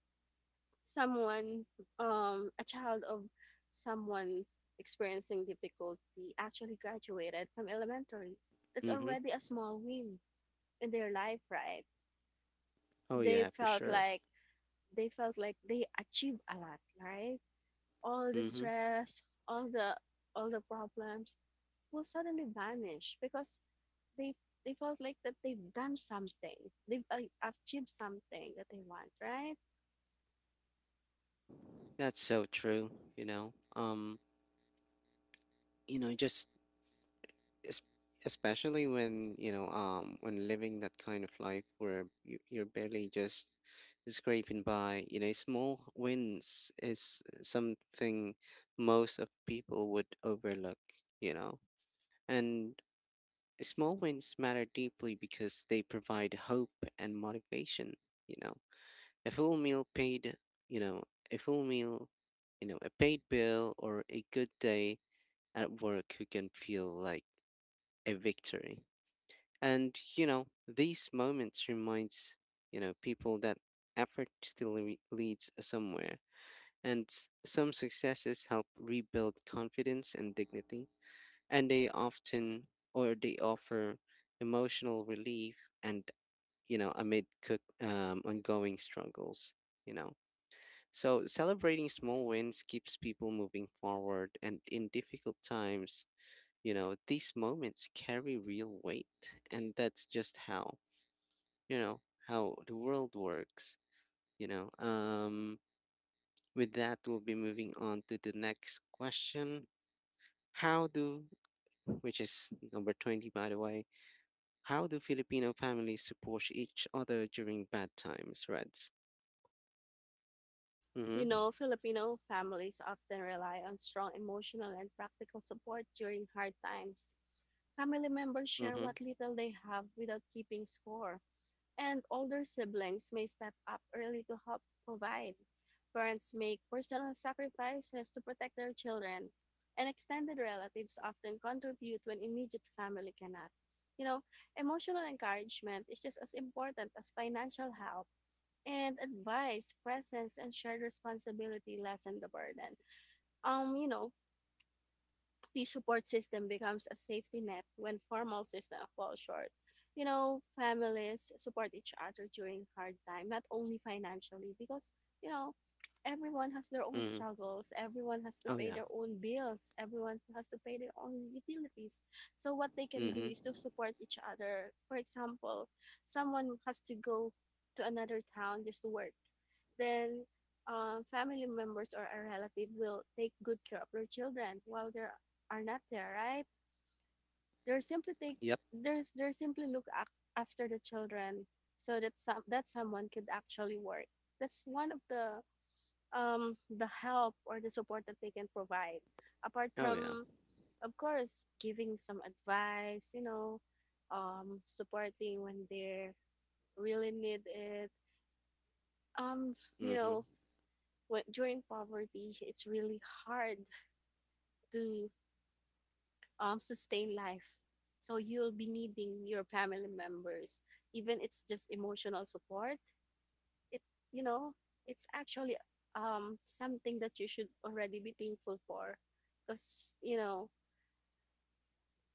Speaker 2: someone a child of someone experiencing difficulty actually graduated from elementary, that's
Speaker 1: Mm hmm.
Speaker 2: already a small win in their life, right?
Speaker 1: Oh,
Speaker 2: they
Speaker 1: yeah, for
Speaker 2: felt
Speaker 1: sure.
Speaker 2: like they felt like they achieved a lot, right? All the
Speaker 1: Mm hmm.
Speaker 2: stress, all the problems will suddenly vanish because they they felt like that they've done something, they've achieved something that they want, right?
Speaker 1: That's so true, you know. Just es- especially when, when living that kind of life where you're barely just scraping by, you know, small wins is something most of people would overlook, you know. And small wins matter deeply because they provide hope and motivation, you know. a full meal paid you know a full meal, you know, a paid bill or a good day at work who can feel like a victory. And you know, these moments reminds, people that effort still leads somewhere, and some successes help rebuild confidence and dignity. And they often or they offer emotional relief and, you know amid cook ongoing struggles. You know, so celebrating small wins keeps people moving forward, and in difficult times, these moments carry real weight, and that's just you know how the world works. you know um with that, we'll be moving on to the next question: how do, which is number 20 by the way, how do Filipino families support each other during bad times, Reds?
Speaker 2: You know,
Speaker 1: Mm-hmm.
Speaker 2: Filipino families often rely on strong emotional and practical support during hard times. Family members share
Speaker 1: Mm-hmm.
Speaker 2: what little they have without keeping score, and older siblings may step up early to help provide. Parents make personal sacrifices to protect their children, and extended relatives often contribute when immediate family cannot. You know, emotional encouragement is just as important as financial help, and advice, presence, and shared responsibility lessen the burden. You know, the support system becomes a safety net when formal systems fall short. You know, families support each other during hard time, not only financially, because you know, everyone has their own
Speaker 1: Mm-hmm.
Speaker 2: struggles, everyone has to
Speaker 1: Oh
Speaker 2: pay
Speaker 1: yeah.
Speaker 2: their own bills, everyone has to pay their own utilities. So what they can do
Speaker 1: Mm-hmm.
Speaker 2: is to support each other. For example, someone has to go to another town just to work. Then family members or a relative will take good care of their children while they're are not there, right? They're simply take
Speaker 1: Yep.
Speaker 2: there's they're simply look after the children so that someone could actually work. That's one of the help or the support that they can provide. Apart
Speaker 1: Oh yeah.
Speaker 2: from of course giving some advice, you know, supporting when they really need it. Um, you
Speaker 1: Mm-hmm.
Speaker 2: know, when during poverty, it's really hard to sustain life. So you'll be needing your family members, even it's just emotional support. It you know it's actually something that you should already be thankful for, because you know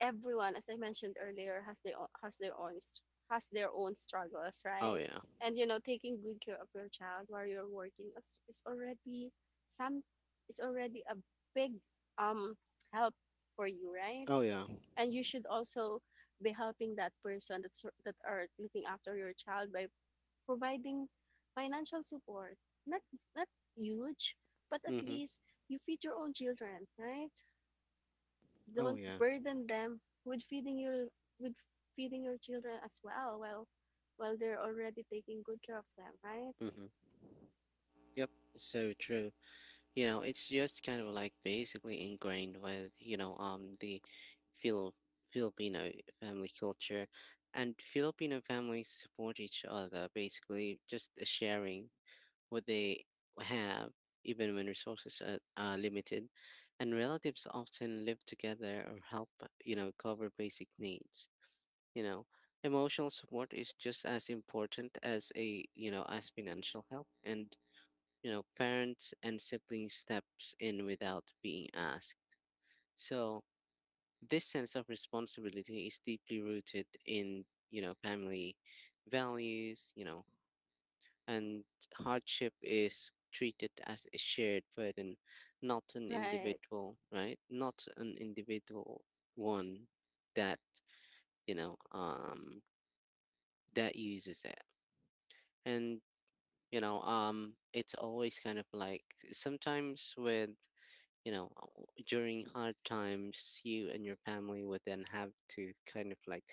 Speaker 2: everyone, as I mentioned earlier, has their own, has their own struggles,
Speaker 1: Oh
Speaker 2: right?
Speaker 1: yeah.
Speaker 2: And you know taking good care of your child while you're working is already some is already a big um help for you, right?
Speaker 1: Oh yeah.
Speaker 2: And you should also be helping that person that are looking after your child by providing financial support, not not huge, but at
Speaker 1: Mm-hmm.
Speaker 2: least you feed your own children, right?
Speaker 1: Oh
Speaker 2: Don't
Speaker 1: yeah.
Speaker 2: burden them with feeding your children as well while they're already taking good care of them, right?
Speaker 1: Mm-hmm. Yep. So true. It's just kind of like basically ingrained with the Fili- Filipino family culture, and Filipino families support each other basically just sharing what they have, even when resources are limited, and relatives often live together or help cover basic needs. you know Emotional support is just as important as a as financial help, and parents and siblings steps in without being asked. So this sense of responsibility is deeply rooted in, family values, and hardship is treated as a shared burden, not an
Speaker 2: Right.
Speaker 1: individual, right? Not an individual one that, you know, um that uses it. And it's always kind of like sometimes with you know uh, during hard times, you and your family would then have to kind of like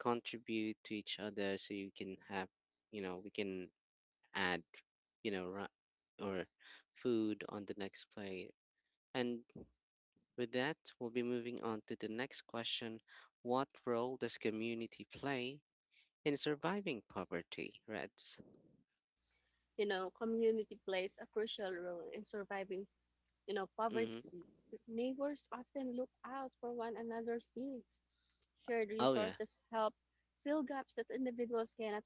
Speaker 1: contribute to each other so you can have, we can add, you know ra- or food on the next plate. And with that, we'll be moving on to the next question: what role does community play in surviving poverty, Reds?
Speaker 2: You know, community plays a crucial role in surviving, you know, poverty.
Speaker 1: Mm-hmm.
Speaker 2: Neighbors often look out for one another's needs. Shared
Speaker 1: Oh yeah.
Speaker 2: resources help fill gaps that individuals cannot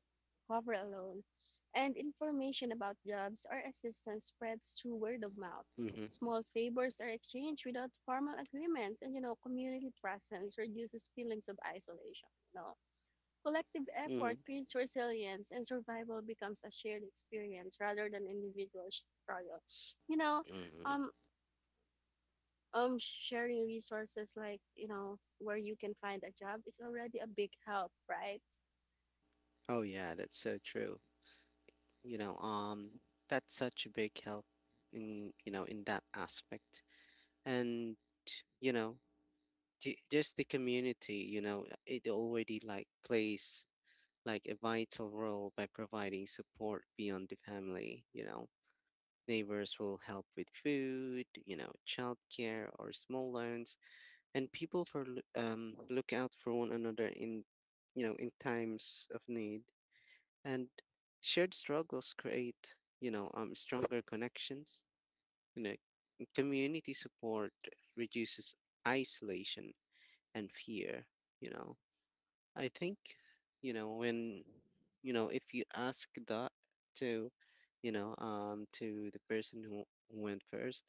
Speaker 2: cover alone. And information about jobs or assistance spreads through word of mouth.
Speaker 1: Mm-hmm.
Speaker 2: Small favors are exchanged without formal agreements, and you know, community presence reduces feelings of isolation. You know, collective effort
Speaker 1: Mm-hmm.
Speaker 2: creates resilience, and survival becomes a shared experience rather than individual struggle. You know,
Speaker 1: Mm-hmm.
Speaker 2: um, um, sharing resources like you know where you can find a job is already a big help, right?
Speaker 1: Oh yeah, that's so true. you know um that's such a big help in, in that aspect, and you know just the community, it already like plays like a vital role by providing support beyond the family. Neighbors will help with food, childcare, or small loans, and people look out for one another in, in times of need, and shared struggles create stronger connections. you know Community support reduces isolation and fear. you know I think, when, if you ask that to, to the person who went first,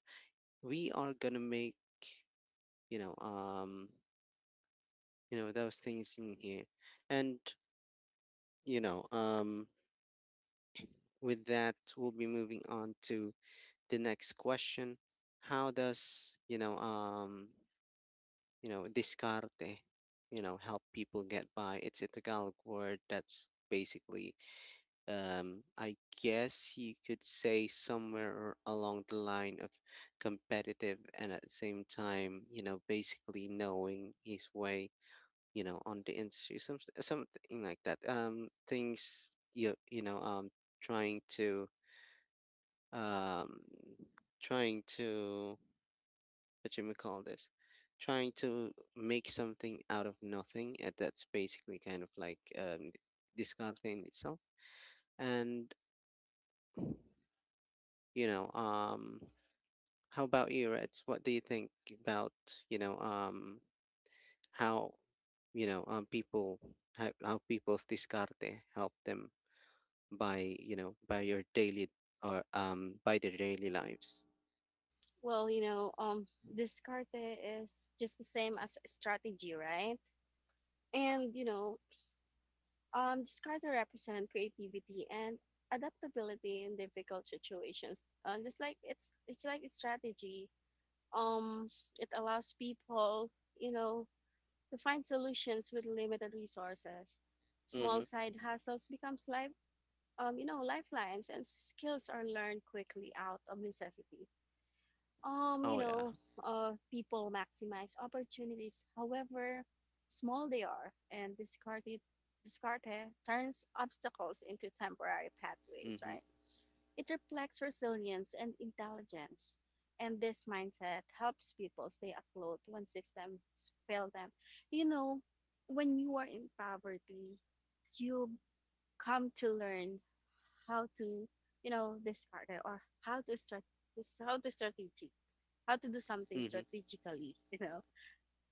Speaker 1: we are gonna make, you know um those things in here. And you know um with that, we'll be moving on to the next question: how does, discarte help people get by? It's a Tagalog word that's basically, I guess you could say, somewhere along the line of competitive and, at the same time, basically knowing his way, on the industry, something like that. Things you, you know trying to, um trying to what you may call this, trying to make something out of nothing. And that's basically kind of like, disgusting itself. And, you know, um, how about you, Reds? What do you think about, you know um, how, people, how people's discarte help them by, by your daily, or by their daily lives.
Speaker 2: Well, you know, discarte is just the same as strategy, right? And you know, discarte represent creativity and adaptability in difficult situations, just like it's like its strategy. um it allows people, you know, to find solutions with limited resources. Small
Speaker 1: Mm-hmm.
Speaker 2: side hustles becomes life you know, lifelines, and skills are learned quickly out of necessity. You
Speaker 1: Oh yeah.
Speaker 2: know, people maximize opportunities, however small they are, and discarded turns obstacles into temporary pathways,
Speaker 1: Mm-hmm.
Speaker 2: right? It reflects resilience and intelligence. And this mindset helps people stay afloat when systems fail them. You know, when you are in poverty, you come to learn how to, you know, this part eh, or how to start this, how to strategic, how to do something
Speaker 1: Mm-hmm.
Speaker 2: strategically you know.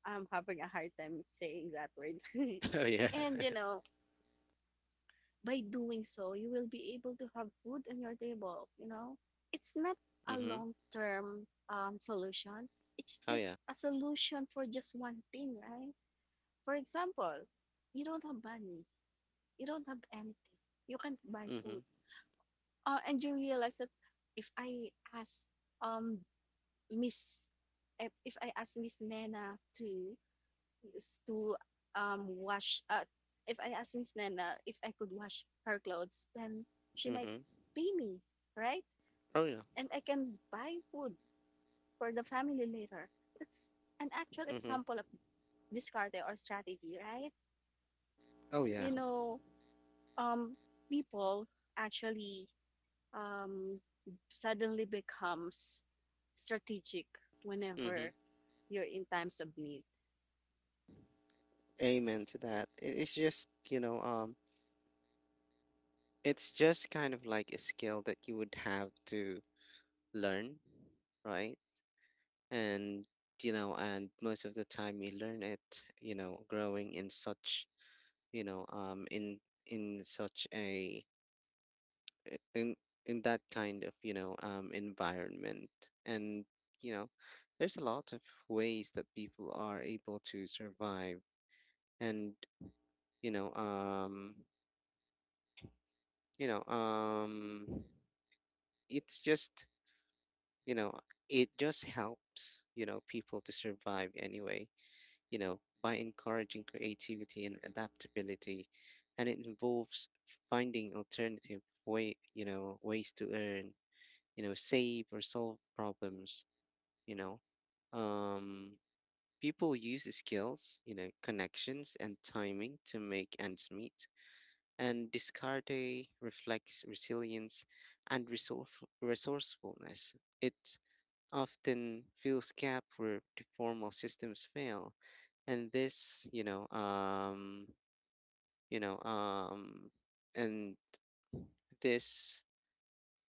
Speaker 2: I'm having a hard time saying that word.
Speaker 1: Oh yeah.
Speaker 2: And you know, by doing so you will be able to have food on your table, you know. It's not a
Speaker 1: Mm-hmm.
Speaker 2: long term solution, it's
Speaker 1: Oh
Speaker 2: just
Speaker 1: yeah.
Speaker 2: a solution for just one thing, right? For example, you don't have money, you don't have anything, you can't buy
Speaker 1: Mm-hmm.
Speaker 2: food. And you realize that if I ask um Miss if if I ask Miss Nana to wash if I ask Miss Nana if I could wash her clothes, then she might
Speaker 1: Mm-hmm.
Speaker 2: pay me, right?
Speaker 1: Oh yeah.
Speaker 2: And I can buy food for the family later. That's an actual
Speaker 1: Mm-hmm.
Speaker 2: example of discard or strategy, right?
Speaker 1: Oh yeah.
Speaker 2: You know, um, people actually um, suddenly becomes strategic whenever
Speaker 1: Mm-hmm.
Speaker 2: you're in times of need.
Speaker 1: Amen to that. It's just, it's just kind of like a skill that you would have to learn, right? And and most of the time you learn it, growing in such, you know, um, in in such a in in that kind of environment, and, you know, there's a lot of ways that people are able to survive, and you know um you know um it's just, you know it just helps, people to survive anyway, by encouraging creativity and adaptability, and it involves finding alternative way, ways to earn, save, or solve problems. you know um People use skills, connections, and timing to make ends meet. And Descartes reflects resilience and resourcefulness. It often fills gap where the formal systems fail, and this, you know, and this,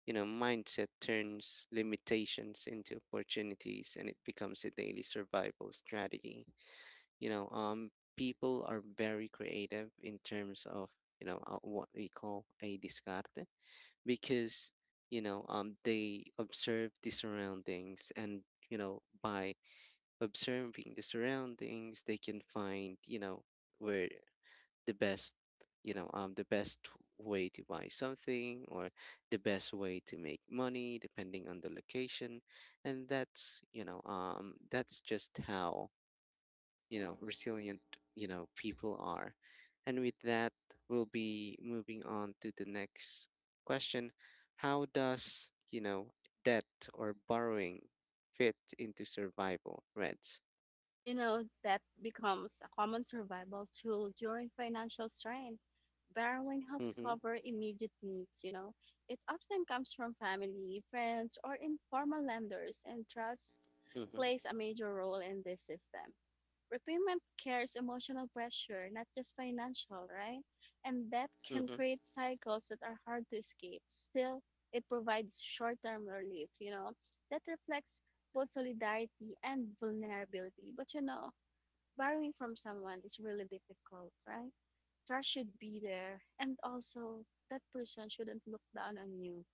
Speaker 1: mindset turns limitations into opportunities, and it becomes a daily survival strategy. You know, um, People are very creative in terms of, what we call a Descartes, because they observe the surroundings, and, by observing the surroundings, they can find, where the best, you know um the best way to buy something or the best way to make money, depending on the location. And that's just how, resilient, people are. And with that, we'll be moving on to the next question: how does, debt or borrowing fit into survival, Reds?
Speaker 2: You know, that becomes a common survival tool during financial strain. Borrowing helps
Speaker 1: Mm-hmm.
Speaker 2: cover immediate needs, you know. It often comes from family, friends, or informal lenders, and trust
Speaker 1: Mm-hmm.
Speaker 2: plays a major role in this system. Repayment carries emotional pressure, not just financial, right? And that can
Speaker 1: Mm-hmm.
Speaker 2: create cycles that are hard to escape. Still, it provides short term relief, you know, that reflects both solidarity and vulnerability. But you know, borrowing from someone is really difficult, right? Trust should be there. And also, that person shouldn't look down on you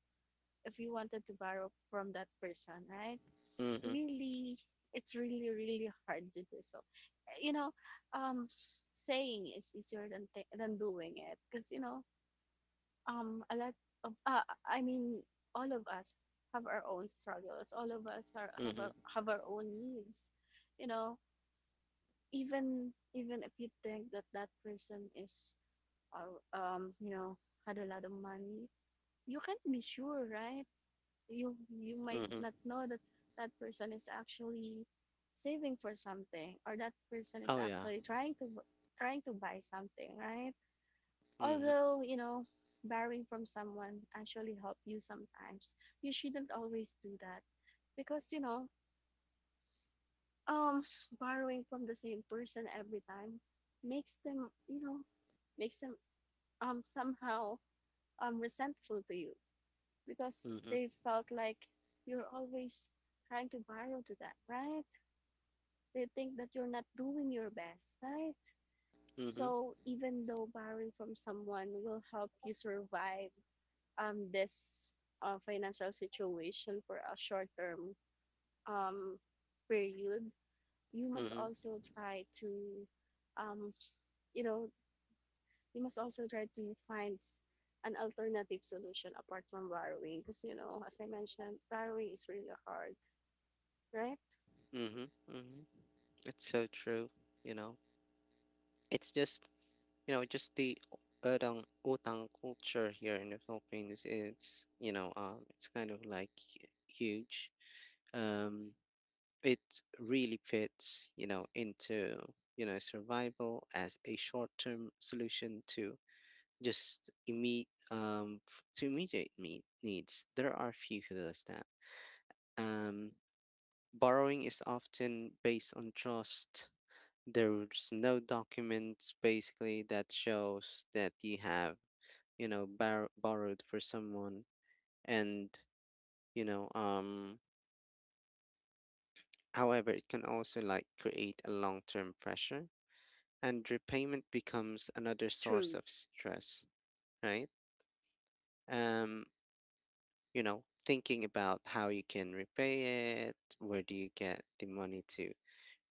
Speaker 2: if you wanted to borrow from that person, right?
Speaker 1: Mm-hmm.
Speaker 2: Really, it's really really hard to do so. eh, you know um Saying is easier than doing it because a lot of I mean all of us have our own struggles. All of us are,
Speaker 1: Mm-hmm.
Speaker 2: have our own needs. you know even if you think that that person is uh, um you know had a lot of money, you can't be sure, right? You might
Speaker 1: Mm-hmm.
Speaker 2: not know that that person is actually saving for something, or that person is
Speaker 1: Oh yeah.
Speaker 2: actually trying to buy something, right?
Speaker 1: Mm-hmm.
Speaker 2: Although, you know, borrowing from someone actually help you sometimes, you shouldn't always do that because you know um borrowing from the same person every time makes them, makes them somehow resentful to you, because they
Speaker 1: Mm-hmm.
Speaker 2: felt like you're always trying to barrel to them, right? They think that you're not doing your best, right?
Speaker 1: Mm-hmm.
Speaker 2: So even though borrowing from someone will help you survive this financial situation for a short term um, period, you
Speaker 1: Mm-hmm.
Speaker 2: must
Speaker 1: Mm-hmm.
Speaker 2: also try to, um, you know, you must also try to find an alternative solution apart from borrowing, because, you know, as I mentioned, borrowing is really hard, right?
Speaker 1: Mm-hmm. It's so true. you know it's just, just the orang utang culture here in the Philippines. It's kind of like huge. Um, it really fits, into, survival as a short-term solution to just immediate, to immediate needs. There are few who does that. Um, borrowing is often based on trust. There's no documents basically that shows that you have borrowed for someone, and you know um however it can also like create a long-term pressure, and repayment becomes another source
Speaker 2: True.
Speaker 1: of stress, right? um thinking about how you can repay it, where do you get the money to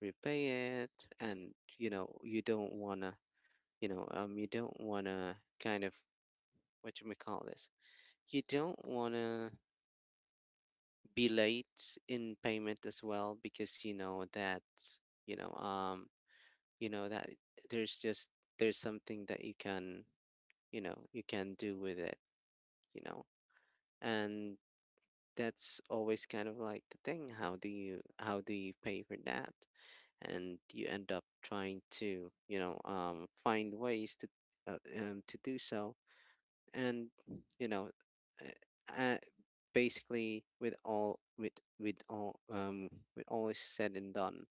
Speaker 1: repay it, and, you don't want to, kind of, what you may call this, you don't want to be late in payment as well, because you know that, you know um that there's just there's something that you can, you can do with it. you know and that's always kind of like the thing, how do you pay for that? And you end up trying to, find ways to do so, and you know uh, uh, basically with all um with all is said and done.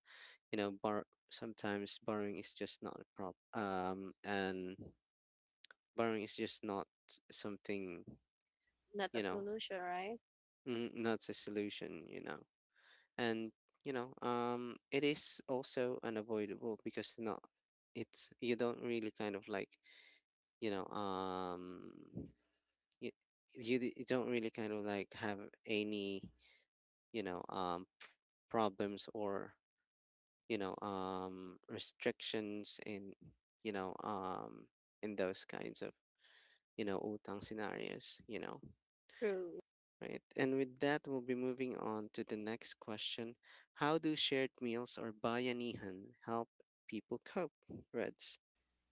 Speaker 1: You know bar Sometimes borrowing is just not a problem, and borrowing is just not something,
Speaker 2: Not a
Speaker 1: you know
Speaker 2: solution, right?
Speaker 1: not a solution, and it is also unavoidable, because not it's, you don't really kind of like, you know um you, you don't really kind of like have any, you know um problems or, restrictions in, you know um in those kinds of, utang scenarios.
Speaker 2: True.
Speaker 1: Right. And with that, we'll be moving on to the next question: how do shared meals or bayanihan help people cope, Reds?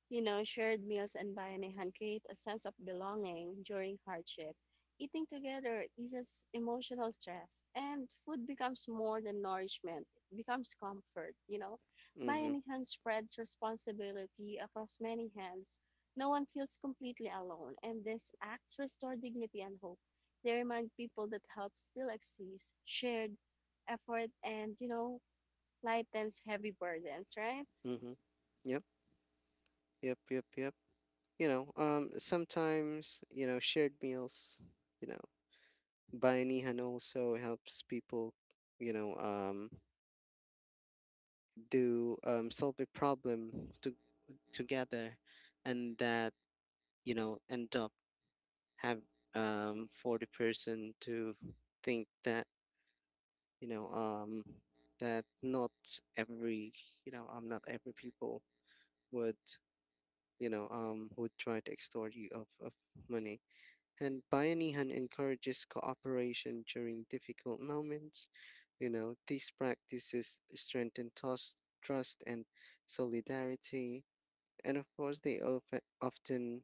Speaker 2: You know, shared meals and bayanihan create a sense of belonging during hardship. Eating together eases emotional stress, and food becomes more than nourishment, it becomes comfort, you know.
Speaker 1: Mhm.
Speaker 2: Bayanihan spreads responsibility across many hands. No one feels completely alone, and these acts restore dignity and hope. They remind people that help still exists. Shared effort, and, you know, lightens heavy burdens, right?
Speaker 1: Mhm. Yep. Yep. Yep. Yep. Sometimes, shared meals, you know bayanihan also helps people, you know um do solve a problem to, together, and that, end up have, for the person to think you know um, that every not every people would would try to extort you of money. And Bayanihan encourages cooperation during difficult moments. These practices strengthen trust and solidarity, and of course they often,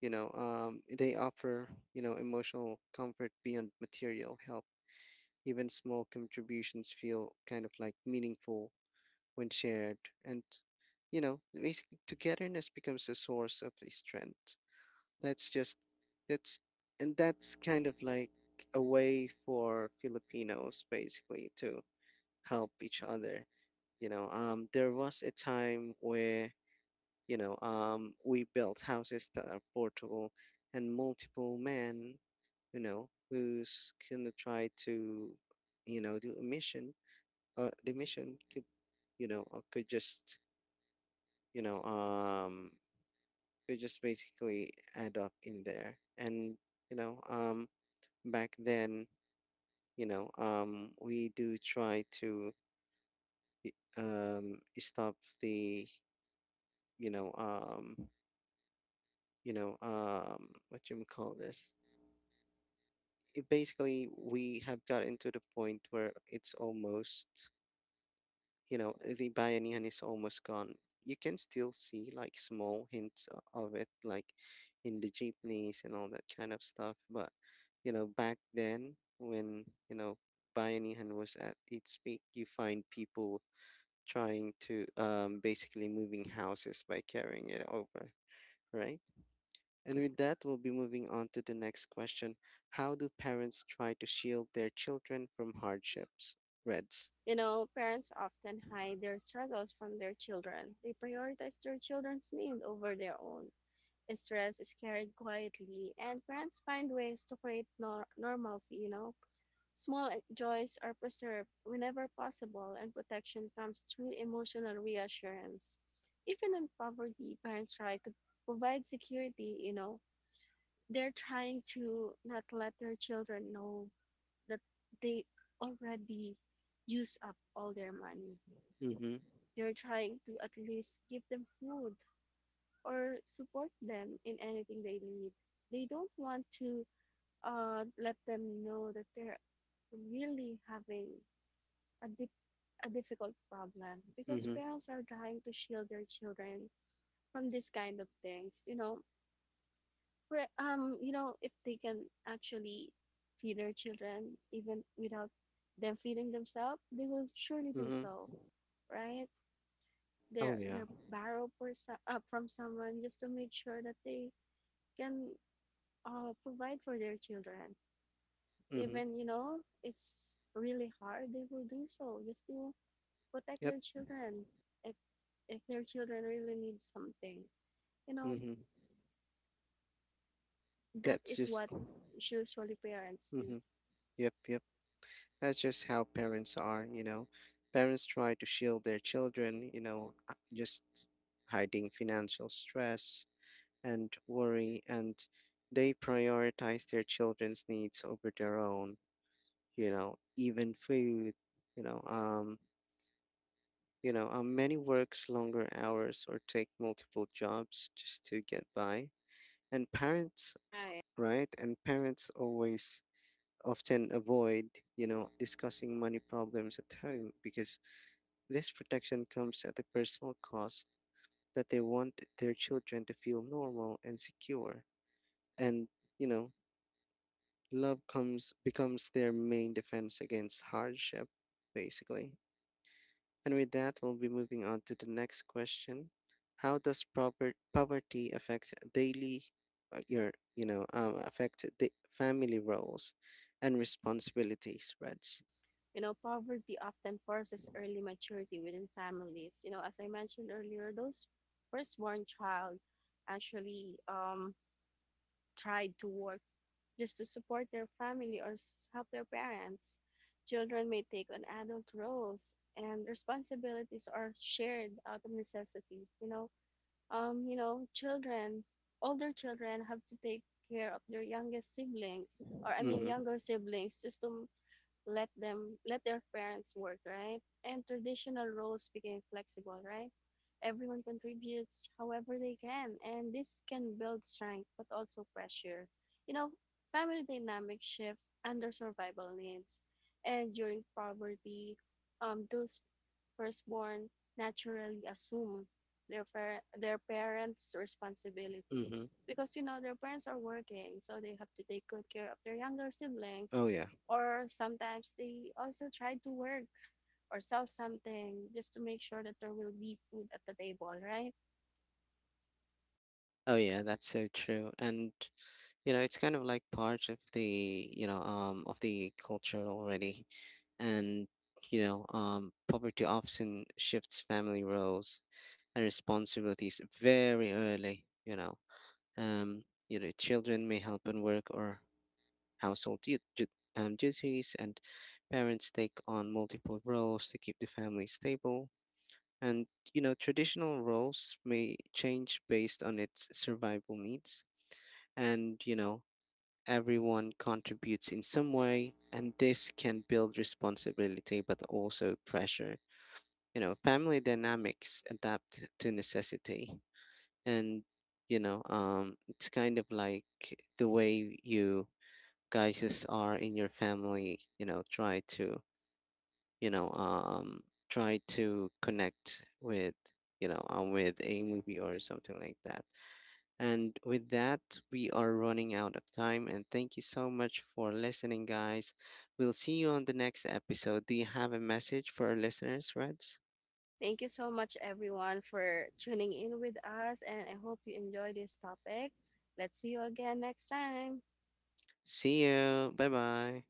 Speaker 1: they offer, emotional comfort beyond material help. Even small contributions feel kind of like meaningful when shared, and, basically, togetherness becomes a source of strength. That's just that's and that's kind of like a way for Filipinos basically to help each other. There was a time where, we built houses that are portable, and multiple men, who's gonna try to, do a mission. The mission could, could just, you know, um, could just basically add up in there. And, you know, um, back then, we do try to y- stop the, you know, um, what you call this? It basically, we have gotten to the point where it's almost, the bayanihan is almost gone. You can still see like small hints of it, like in the jeepneys and all that kind of stuff, but, back then when, bayanihan was at its peak, you find people trying to basically moving houses by carrying it over, right? And with that, we'll be moving on to the next question: how do parents try to shield their children from hardships, Reds?
Speaker 2: You know, parents often hide their struggles from their children. They prioritize their children's need over their own. Stress is carried quietly, and parents find ways to create normalcy, you know. Small joys are preserved whenever possible, and protection comes through emotional reassurance. Even in poverty, parents try to provide security, you know. They're trying to not let their children know that they already use up all their money.
Speaker 1: Mm-hmm.
Speaker 2: They're trying to at least give them food or support them in anything they need. They don't want to let them know that they're really having a, di- a difficult problem, because
Speaker 1: Mm-hmm.
Speaker 2: parents are trying to shield their children from this kind of things. You know, you know, if they can actually feed their children even without them feeding themselves, they will surely do
Speaker 1: Mm-hmm.
Speaker 2: so, right?
Speaker 1: Oh
Speaker 2: They're
Speaker 1: yeah.
Speaker 2: they're borrow for from someone just to make sure that they can provide for their children.
Speaker 1: Mm-hmm.
Speaker 2: Even you know it's really hard, they will do so just to protect
Speaker 1: Yep.
Speaker 2: their children. If if their children really need something, you know,
Speaker 1: Mm-hmm.
Speaker 2: that
Speaker 1: That's
Speaker 2: is
Speaker 1: just.
Speaker 2: what usually parents do,
Speaker 1: Mm-hmm. Yep, yep. That's just how parents are, you know. Parents try to shield their children, just hiding financial stress and worry, and they prioritize their children's needs over their own, even food. you know, um, Many works longer hours or take multiple jobs just to get by. And parents,
Speaker 2: right?
Speaker 1: right? And parents always often avoid, discussing money problems at home, because this protection comes at a personal cost that they want their children to feel normal and secure. And, you know, love comes becomes their main defense against hardship, basically. And with that, we'll be moving on to the next question: how does proper poverty affect daily your you know affect the family roles and responsibilities, Reds?
Speaker 2: You know, poverty often forces early maturity within families. You know, as I mentioned earlier, those firstborn child actually tried to work just to support their family or help their parents. Children may take on adult roles, and responsibilities are shared out of necessity, you know? um, you know, children, Older children have to take care of their youngest siblings, or I mean,
Speaker 1: Mm-hmm.
Speaker 2: younger siblings, just to let their parents work, right? And traditional roles became flexible, right? Everyone contributes however they can, and this can build strength but also pressure. You know, family dynamics shift under survival needs, and during poverty, those firstborn naturally assume their their parents' responsibility,
Speaker 1: Mm-hmm.
Speaker 2: because you know their parents are working, so they have to take good care of their younger siblings,
Speaker 1: Oh yeah.
Speaker 2: or sometimes they also try to work or sell something just to make sure that there will be food at the table, right?
Speaker 1: Oh yeah, that's so true. And, it's kind of like part of the culture already, and poverty often shifts family roles and responsibilities very early. Children may help in work or household duties, and parents take on multiple roles to keep the family stable. And, traditional roles may change based on its survival needs. And, everyone contributes in some way, and this can build responsibility but also pressure. Family dynamics adapt to necessity, and it's kind of like the way you guys are in your family, you know um try to connect with, with a movie or something like that. And with that, we are running out of time, and thank you so much for listening, guys. We'll see you on the next episode. Do you have a message for our listeners, Reds?
Speaker 2: Thank you so much, everyone, for tuning in with us, and I hope you enjoy this topic. Let's see you again next time.
Speaker 1: See you, bye bye.